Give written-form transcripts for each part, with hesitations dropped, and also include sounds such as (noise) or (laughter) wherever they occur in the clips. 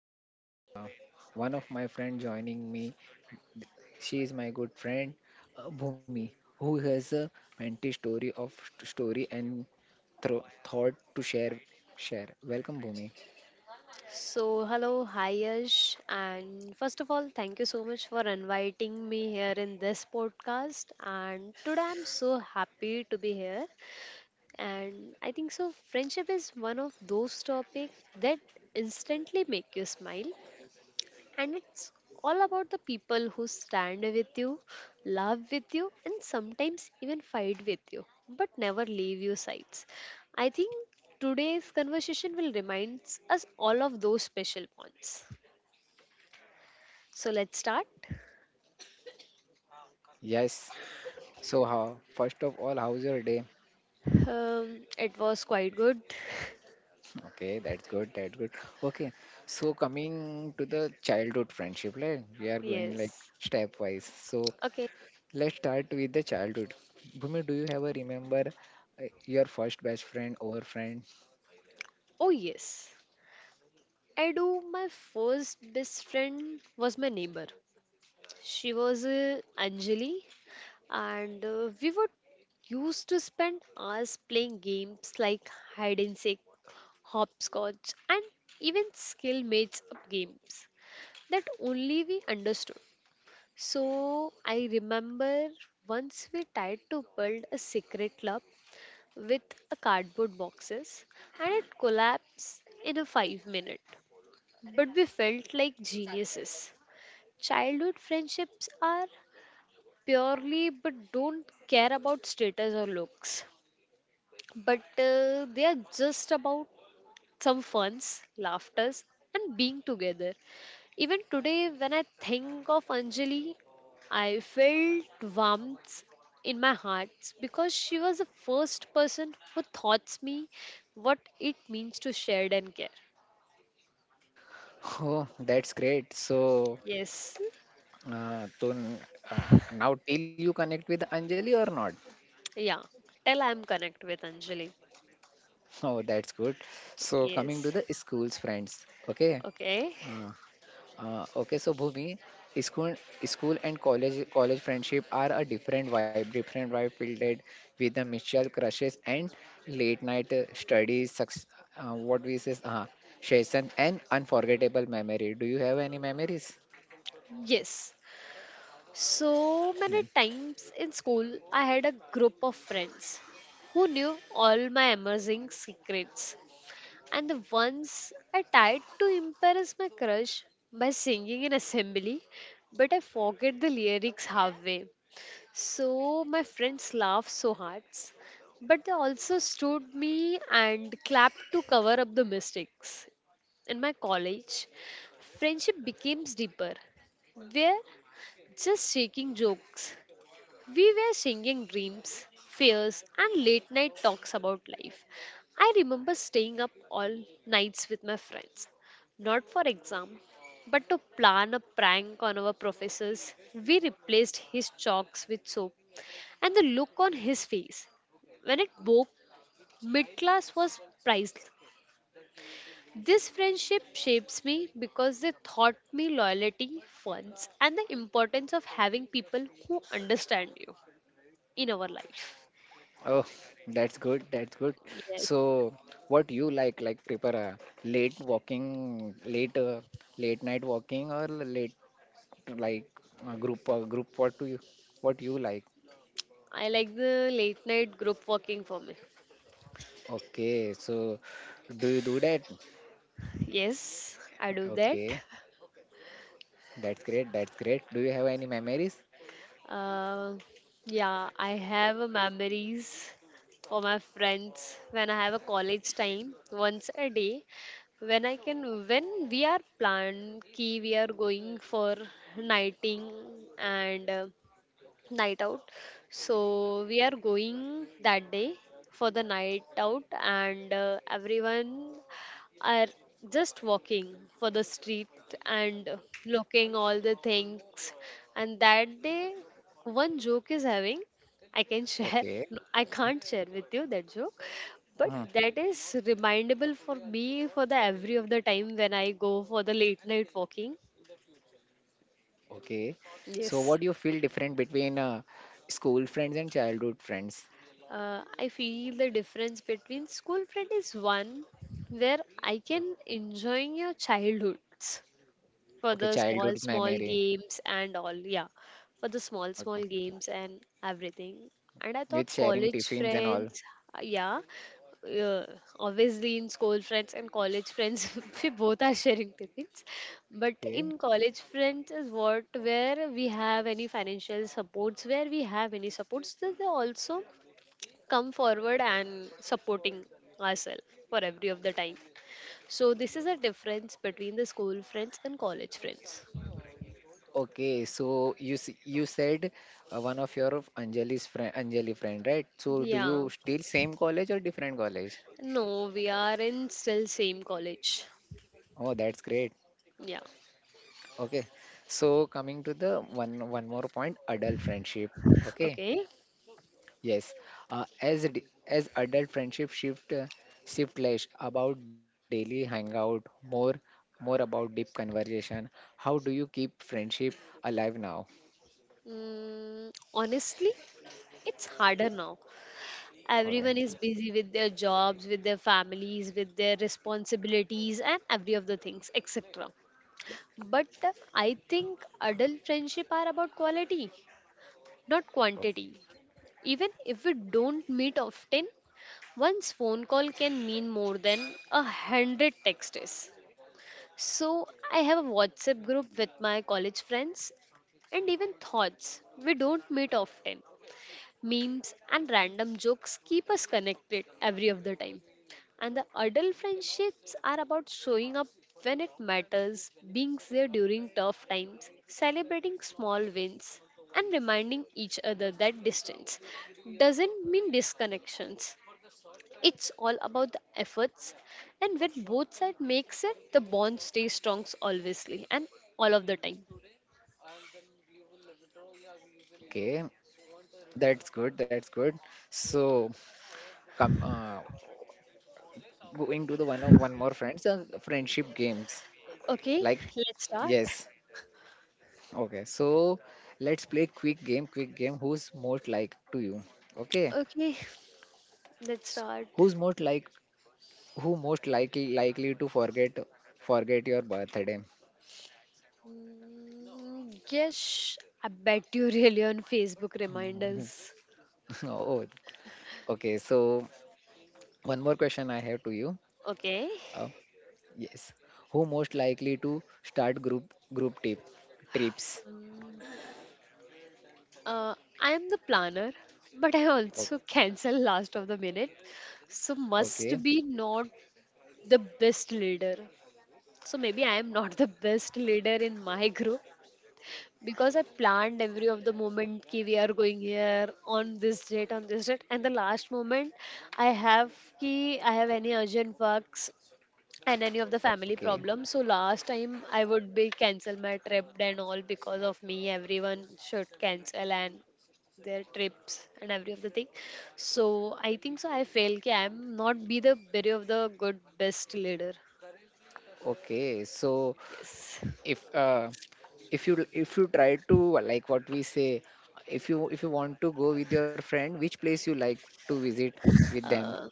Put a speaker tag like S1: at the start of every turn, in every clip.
S1: our heart. Uh, one of my friend joining me, she is my good friend Bhumi who has a mentee story and thought to share. Welcome Bhumi.
S2: So, hello, hi Yash, and first of all, thank you so much for inviting me here in this podcast. And today I'm so happy to be here. And I think so, friendship is one of those topics that instantly make you smile and it's all about the people who stand with you, laugh with you, and sometimes even fight with you, but never leave your sides. I think today's conversation will remind us all of those special points. So let's start.
S1: Yes. So how first of all how's your day?
S2: It was quite good. (laughs)
S1: Okay, that's good. That's good. Okay, so coming to the childhood friendship, like we are going like
S2: Yes.
S1: stepwise. So
S2: Okay.
S1: let's start with the childhood. Bhumi, do you ever remember your first best friend or friend?
S2: Oh, yes. I do. My first best friend was my neighbor. She was Anjali. And we would used to spend hours playing games like hide and seek, hopscotch, and even skill mates up games that only we understood. So I remember once we tried to build a secret club with a cardboard boxes and it collapsed in a 5 minute but we felt like geniuses. Childhood friendships are purely but don't care about status or looks but they are just about some funs laughters and being together. Even today when I think of Anjali, I felt warmth in my heart because she was the first person who taught me what it means to share and care.
S1: (laughs) Oh, that's great. So,
S2: Yes.
S1: Tun, now till you connect with Anjali or not? (laughs)
S2: Yeah, tell I am connect with Anjali.
S1: Oh, that's good. So coming to
S2: Yes.
S1: the school's friends, okay?
S2: Okay.
S1: Uh, okay, so Bhumi, school, school and college friendship are a different vibe filled with the mutual crushes and late night studies, success, uh, what we say, uh, session and unforgettable memory. Do you have any memories?
S2: Yes. So many
S1: Yeah.
S2: times in school, I had a group of friends who knew all my amazing secrets. And the once I tried to impress my crush by singing in assembly, but I forget the lyrics halfway. So my friends laughed so hard, but they also stood me and clapped to cover up the mistakes. In my college, friendship became deeper. We're just shaking jokes, we were singing dreams, fears, and late night talks about life. I remember staying up all nights with my friends, not for exam, but to plan a prank on our professors. We replaced his chalks with soap, and the look on his face when it woke, mid class was priceless. This friendship shapes me because they taught me loyalty, funds, and the importance of having people who understand you in our life.
S1: Oh, that's good. That's good.
S2: Yes,
S1: So, what you like prefer late night walking, or late like group? What you like?
S2: I like the late night group working for me.
S1: Okay, so do you do that?
S2: Yes, I do that.
S1: Okay, that's great. That's great. Do you have any memories?
S2: Uh, yeah, I have a memories for my friends when I have a college time once a day. When we are planned, key we are going for nighting and night out. So we are going that day for the night out, and everyone are just walking for the street and looking all the things. And that day, one joke is having. I can share.
S1: Okay.
S2: No, I can't share with you that joke, but
S1: Hmm.
S2: that is remindable for me for the every of the time when I go for the late night walking.
S1: Okay. So what
S2: Yes.
S1: do you feel different between school friends and childhood friends?
S2: I feel the difference between school friend is one where I can enjoying your childhoods for
S1: Okay,
S2: the small,
S1: childhood's
S2: small
S1: memory.
S2: games and all. Yeah, for the small, small
S1: Okay.
S2: games and everything. And I
S1: With
S2: thought
S1: sharing
S2: college
S1: tiffins and all.
S2: friends, uh, yeah, uh, obviously in school friends and college friends, (laughs) we both are sharing tiffins. But
S1: Okay.
S2: in college friends is what where we have any financial supports, where we have any supports. There's also come forward and supporting ourselves for every of the time. So this is a difference between the school friends and college friends.
S1: Okay, so you said one of your of Anjali's friend, Anjali friend, right? So do you
S2: Yeah.
S1: still same college or different college?
S2: No, we are in still same college.
S1: Oh, that's great.
S2: Yeah.
S1: Okay, so coming to the one more point, adult friendship. Okay,
S2: Okay.
S1: yes, as adult friendship shift less about daily hangout, more more about deep conversation. How do you keep friendship alive now?
S2: Honestly, it's harder now.
S1: Okay,
S2: Everyone is busy with their jobs, with their families, with their responsibilities, and every of the things, etc. But I think adult friendship are about quality, not quantity. Even if we don't meet often, one's phone call can mean more than 100 texts. So I have a WhatsApp group with my college friends and even thoughts. We don't meet often, memes and random jokes keep us connected every of the time, and the adult friendships are about showing up when it matters, being there during tough times, celebrating small wins, and reminding each other that distance doesn't mean disconnections. It's all about the efforts, and when both sides makes it the bond stays strong obviously and all of the time.
S1: okay, that's good. That's good. So come going to the one more friends friendship games
S2: Okay,
S1: like
S2: let's start.
S1: yes. Okay, so let's play quick game. Who's most like to you? Okay,
S2: Okay, let's
S1: so
S2: start.
S1: who's most like who most likely to forget your birthday?
S2: Yes, I bet you really on Facebook
S1: Mhm.
S2: reminders.
S1: (laughs) Oh, okay. So one more question I have to you.
S2: Okay.
S1: Uh, yes, who most likely to start group trips?
S2: Uh, I am the planner, but I
S1: O-
S2: also cancel last of the minute. So must
S1: Okay,
S2: be not the best leader. So maybe I am not the best leader in my group because I planned every of the moment ki we are going here on this date and the last moment I have ki I have any urgent works and any of the family
S1: okay,
S2: problems. So last time I would be cancel my trip and all because of me. Everyone should cancel and their trips and every of the thing. So I think so. I fail. Ki I'm not be the very of the good best leader.
S1: okay. So
S2: Yes.
S1: if uh, if you try to like what we say if you want to go with your friend which place you like to visit with them.
S2: Uh,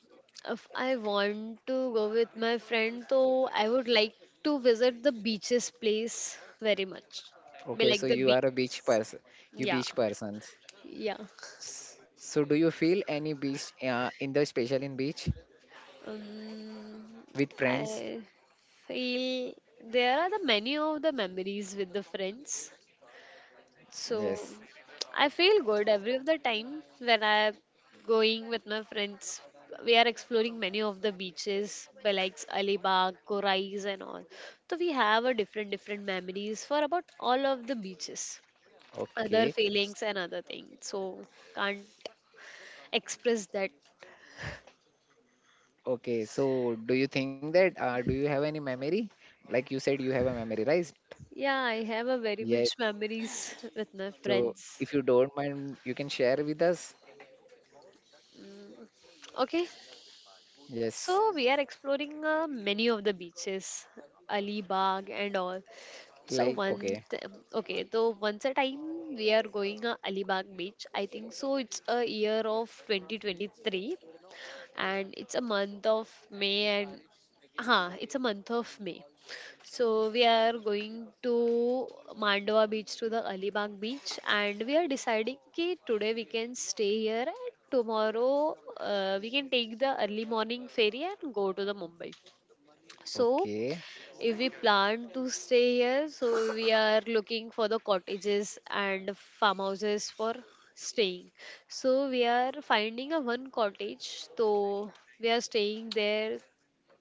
S2: if I want to go with my friend, so I would like to visit the beaches place very much. Be
S1: Okay, so
S2: like the
S1: you
S2: beach.
S1: are a beach person. You
S2: Yeah.
S1: beach persons.
S2: Yeah.
S1: So do you feel any beach in the special in beach
S2: Um,
S1: with friends?
S2: I feel there are the many of the memories with the friends. So
S1: Yes.
S2: I feel good every of the time when I going with my friends. We are exploring many of the beaches, by like Alibag, Korais, and all. So we have a different different memories for about all of the beaches, other
S1: Okay,
S2: feelings and other things. So can't express that.
S1: okay, so do you think that do you have any memory like you said you have a memory right?
S2: Yeah, I have a very
S1: Yes,
S2: much memories (laughs) with my
S1: so
S2: friends.
S1: if you don't mind you can share with us.
S2: Okay, so
S1: Yes,
S2: we are exploring many of the beaches, Alibag and all. So one,
S1: okay.
S2: okay, so once a time we are going Alibag beach. I think so. It's a year of 2023 and it's a month of May and it's a month of May. So we are going to Mandwa beach to the Alibag beach and we are deciding ki today we can stay here and tomorrow we can take the early morning ferry and go to the Mumbai. So
S1: Okay.
S2: if we plan to stay here, so we are looking for the cottages and farmhouses for staying. So we are finding a one cottage. So we are staying there.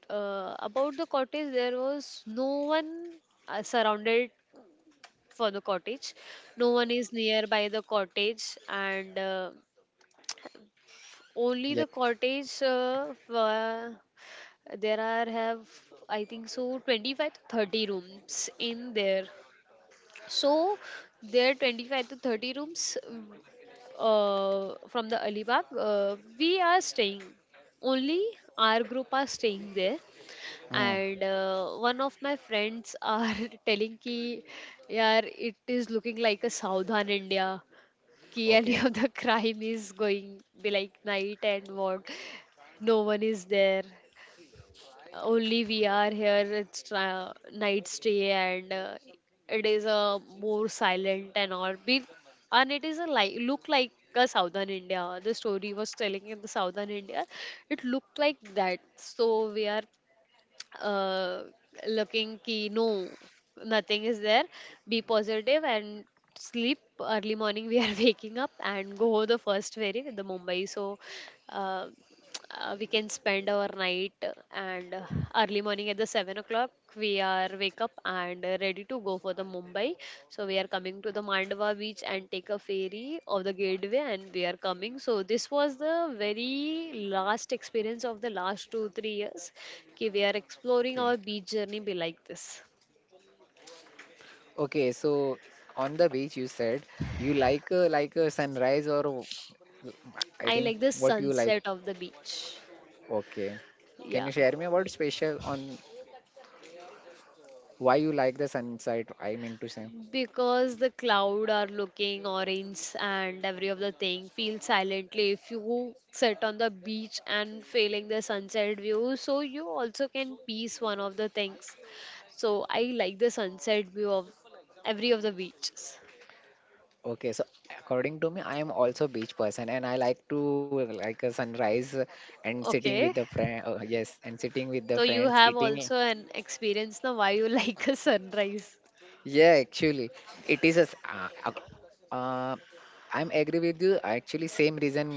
S2: About the cottage, there was no one surrounded for the cottage. No one is nearby the cottage, and only the
S1: Yeah.
S2: cottage. For, there are have I think so 25 to 30 rooms in there. So there are 25 to 30 rooms from the Alibag. We are staying. Only our group are staying there.
S1: Hmm.
S2: And one of my friends are (laughs) telling ki, yaar, it is looking like a Southern India. Ki (laughs) any
S1: Okay.
S2: of the crime is going be like night and what, no one is there, only we are here. It's night stay, and it is a more silent and all be, and it is a like look like a Southern India. The story was telling in the Southern India, it looked like that. So we are uh, looking ki no nothing is there, be positive and sleep. Early morning we are (laughs) waking up and go the first ferry with the Mumbai. So Uh, we can spend our night and early morning at the 7 o'clock we are wake up and ready to go for the Mumbai. So we are coming to the Mandava beach and take a ferry of the gateway, and we are coming. So this was the very last experience of the last 2 3 years. Okay, we are exploring our
S1: Okay.
S2: beach journey be like this.
S1: Okay. So on the beach, you said you like like a sunrise or I
S2: I
S1: think
S2: like the
S1: what you like.
S2: sunset of the beach.
S1: Okay. Can
S2: Yeah.
S1: you share me about special on why you like the sunset? I mean to say.
S2: Because the cloud are looking orange and every of the thing feels silently. If you sit on the beach and feeling the sunset view, so you also can piece one of the things. So I like the sunset view of every of the beaches.
S1: Okay. So according to me, I am also beach person and I like to like a sunrise and sitting with
S2: Okay.
S1: the friend. Yes, and sitting with the
S2: So you
S1: friends,
S2: have
S1: eating.
S2: also an experience now why you (laughs) like a sunrise.
S1: Yeah, actually, it is a. s- ac- uh, I'm agree with you. Actually, same reason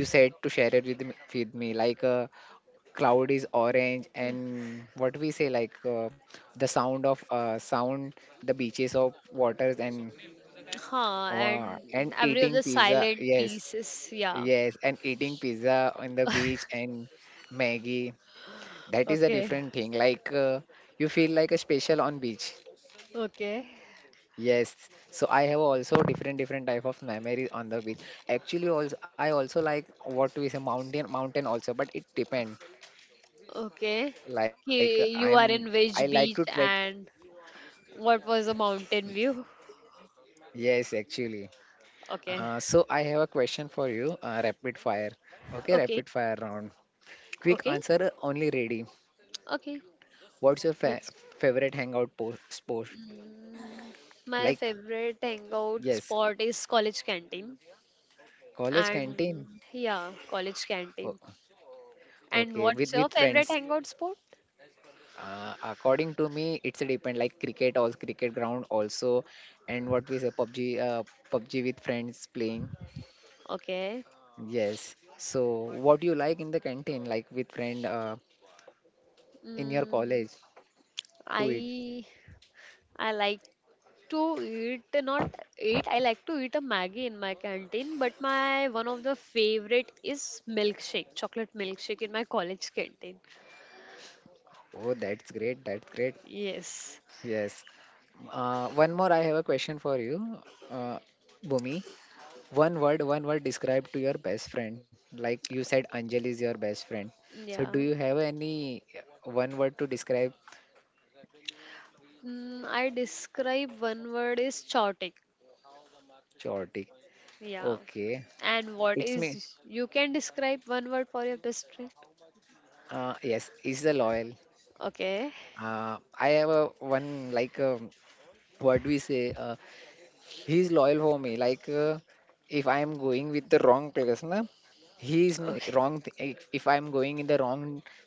S1: you said to share it with me, with me. Like, cloud is orange, and what we say, like the sound of sound, the beaches of waters,
S2: Huh,
S1: and
S2: and every of
S1: eating
S2: the
S1: pizza.
S2: silent
S1: Yes,
S2: pieces, yeah.
S1: yes, and eating pizza on the beach
S2: (laughs)
S1: and Maggie. That is a
S2: Okay.
S1: different thing. Like, you feel like a special on beach.
S2: Okay.
S1: Yes, so I have also different type of memories on the beach. Actually, also I also like what we say mountain also, but it depend.
S2: Okay.
S1: Like
S2: Ki-
S1: I'm
S2: You are in
S1: I like
S2: which
S1: to trek.
S2: beach and what was the mountain view?
S1: Yes, actually.
S2: Okay.
S1: So I have a question for you. Rapid fire. Okay,
S2: Okay.
S1: rapid fire round. Quick
S2: Okay.
S1: answer only ready.
S2: Okay.
S1: What's your fa
S2: Let's.
S1: favorite hangout po spot?
S2: Mm, My
S1: Like
S2: favorite hangout
S1: yes,
S2: spot is college canteen.
S1: college canteen.
S2: And yeah, college
S1: Oh,
S2: canteen. And
S1: okay,
S2: what's
S1: with
S2: your favorite
S1: friends.
S2: hangout spot?
S1: According to me, it's a depend like cricket also cricket ground also, and what we say PUBG, PUBG with friends playing.
S2: Okay.
S1: Yes. So what do you like in the canteen, like with friend, in your
S2: Mm,
S1: college to eat?
S2: I I like to eat not eat, I like to eat a maggie in my canteen, but my one of the favorite is milkshake chocolate milkshake in my college canteen.
S1: Oh, that's great. That's great.
S2: Yes.
S1: Yes. One more. I have a question for you, uh, Bhumi. One word describe to your best friend. Like you said, Anjali is your best friend. So do
S2: Yeah.
S1: you have any one word to describe?
S2: I describe one word is chaotic.
S1: Chaotic?
S2: Yeah,
S1: Okay.
S2: and what
S1: It's me.
S2: is you can describe one word for your best friend?
S1: Yes, he's the loyal.
S2: Okay.
S1: I have a one like what we say. He's loyal for me. Like if I am going with the wrong person, na, he is
S2: (laughs)
S1: no
S2: Okay.
S1: wrong. If I am going in the wrong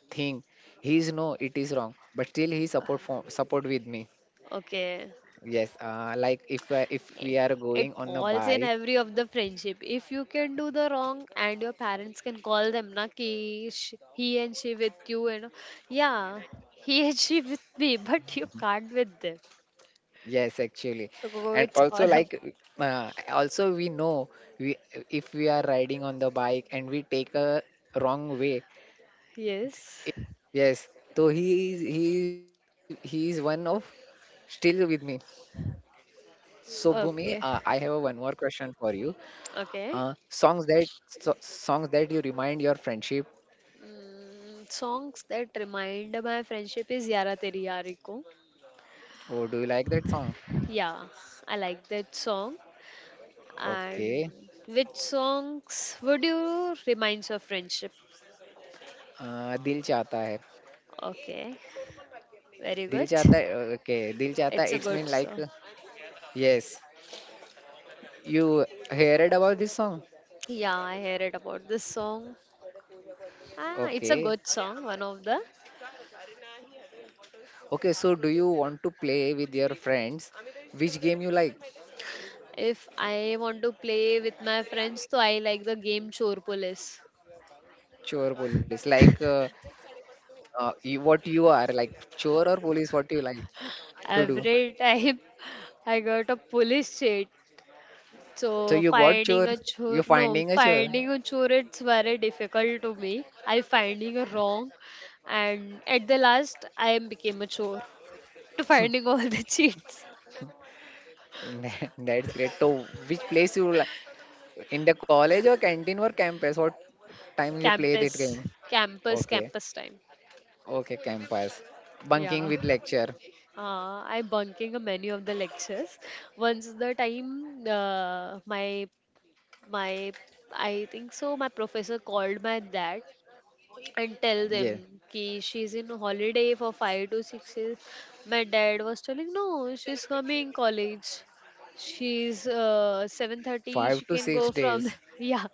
S1: thing, he is no. It is wrong. But still, he support for support with me.
S2: Okay.
S1: Yes. Like if we are
S2: It
S1: going on a
S2: falls in
S1: bike.
S2: every of the friendship if you can do the wrong and your parents can call them na ki he and she with you you know Yeah, he (laughs) and she with me, but you can't with them.
S1: Yes, actually.
S2: So
S1: And
S2: it's all
S1: also
S2: up.
S1: like also we know we if we are riding on the bike and we take a wrong way.
S2: Yes.
S1: Yes. So he is one of still with me. So Bhumi, I
S2: Okay.
S1: have a one more question for you.
S2: Okay.
S1: Songs that so, songs that you remind your friendship.
S2: Songs that remind my friendship is yara teri yari ko.
S1: Oh, do you like that song?
S2: Yeah, I like that song. And
S1: Okay.
S2: which songs would you remind your friendship?
S1: दिल चाहता है.
S2: Okay. Very
S1: दिल
S2: good.
S1: चाहता है, okay. दिल चाहता
S2: It's a
S1: है, it's
S2: good
S1: mean like
S2: song.
S1: yes, you heard about this song.
S2: Yeah, I heard it about this song. Ah, it's a
S1: Okay.
S2: good song, one of the.
S1: Okay, so do you want to play with your friends? Which game you like?
S2: If I want to play with my friends, so I like the game Chor Police.
S1: Chore police. Like you, what you are like chore or police what you like to do.
S2: Every time (laughs) I got a police cheat.
S1: So
S2: So
S1: you got
S2: finding
S1: chore.
S2: a chore,
S1: You're
S2: no,
S1: finding a chore.
S2: finding a chore, it's very difficult to me. I finding a wrong, and at the last, I became a chore (laughs) to
S1: (laughs)
S2: finding all the (laughs) cheats.
S1: That's great. So which place you like in the college or canteen or campus? What time you play that
S2: Campus,
S1: game?
S2: campus,
S1: Okay.
S2: campus time.
S1: Okay, campus. Bunking
S2: Yeah.
S1: with lecture.
S2: I bunking a menu of the lectures. Once the time my I think so my professor called my dad and tell them
S1: Yeah.
S2: ki she's in holiday for 5 to 6 days. My dad was telling no, she's coming college, she's 7:30 she
S1: Five to
S2: can go
S1: six
S2: from the,
S1: days.
S2: (laughs) yeah,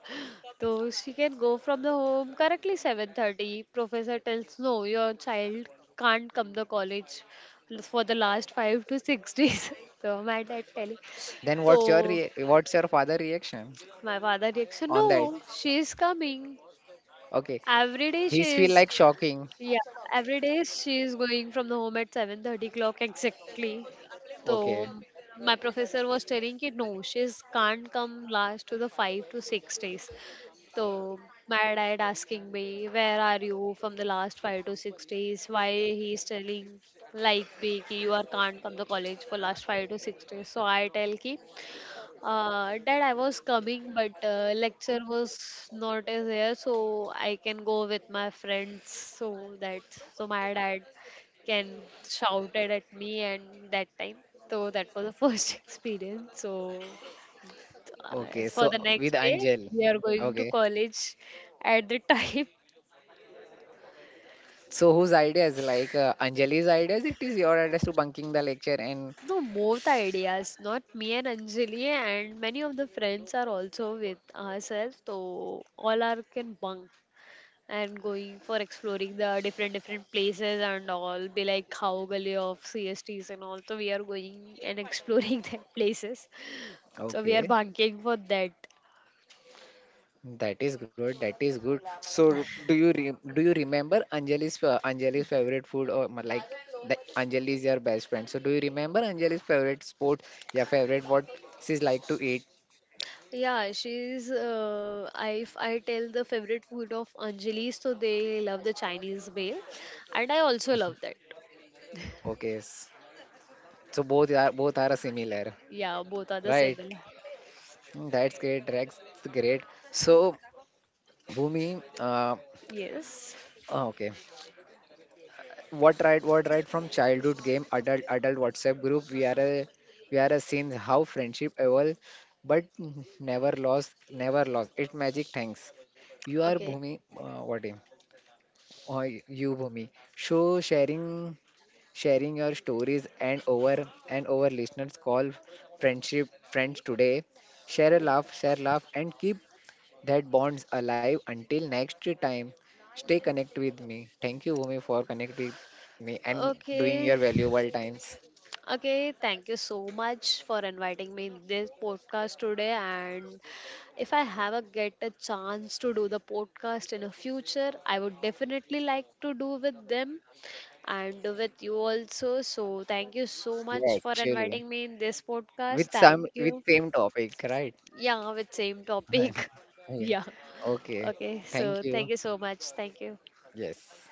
S2: so she can go from the home correctly 7:30. Professor tells no, your child can't come the college for the last 5 to 6 days. (laughs) So my dad telling,
S1: Then what's your
S2: so
S1: what's your father reaction
S2: my father reaction,
S1: on that?
S2: no, she is coming.
S1: Okay,
S2: Every day
S1: he's
S2: she
S1: feel
S2: is,
S1: like shocking.
S2: yeah, every day she is going from the home at 7:30 clock exactly.
S1: Okay,
S2: So my professor was telling ki no, she's can't come last to the 5 to 6 days. So my dad asking me, where are you from the last 5 to 6 days? Why he's telling like me ki you are can't come the college for last 5 to 6 days. So I tell ki Dad, I was coming, but lecture was not as here, so I can go with my friends. So that, so my dad can shouted at me and that time. So that was the first (laughs) experience. So
S1: okay.
S2: as for
S1: So
S2: the
S1: with
S2: next day,
S1: Anjal,
S2: we are going to
S1: okay.
S2: college at the time. (laughs)
S1: So whose ideas like Anjali's ideas? It is your ideas to bunking the lecture and
S2: No, both ideas, not me and Anjali, and many of the friends are also with ourselves, so all are can bunk and going for exploring the different different places and all be like how gully of CSTs and all. So we are going and exploring (laughs) that places. So we are
S1: okay.
S2: banking for that.
S1: That is good. That is good. So, do you re do you remember Anjali's Anjali's favorite food or like the Anjali is your best friend? So, do you remember Anjali's favorite sport? Yeah, favorite what she's like to eat?
S2: Yeah, she's I if I tell the favorite food of Anjali, so they love the Chinese meal, and I also love that.
S1: Okay, so both are similar,
S2: Yeah, both are the
S1: right?
S2: similar.
S1: Mm, that's great. That's great. So, Bhumi, uh,
S2: Yes.
S1: oh, okay. What right? What right? From childhood game, adult WhatsApp group. We are a seen how friendship evolve, but never lost. It magic. Thanks. You are
S2: Okay.
S1: Bhumi. What name? Uh, you Bhumi. So sharing your stories and over listeners call friends today
S2: Yeah.
S1: share laugh and keep that bonds alive until next time. Stay connect with me. Thank you, Bhumi, for connecting with me and doing
S2: Okay.
S1: your valuable times.
S2: Okay, thank you so much for inviting me in this podcast today. And if I have a get a chance to do the podcast in the future, I would definitely like to do with them and with you also. So thank you so
S1: Yeah,
S2: much for
S1: actually,
S2: inviting me in this podcast. Thank
S1: with
S2: you.
S1: same topic, right?
S2: Yeah, with same topic.
S1: (laughs)
S2: (laughs)
S1: okay,
S2: Yeah.
S1: okay.
S2: Okay.
S1: Thank
S2: So
S1: you.
S2: thank you so much. Thank you.
S1: Yes.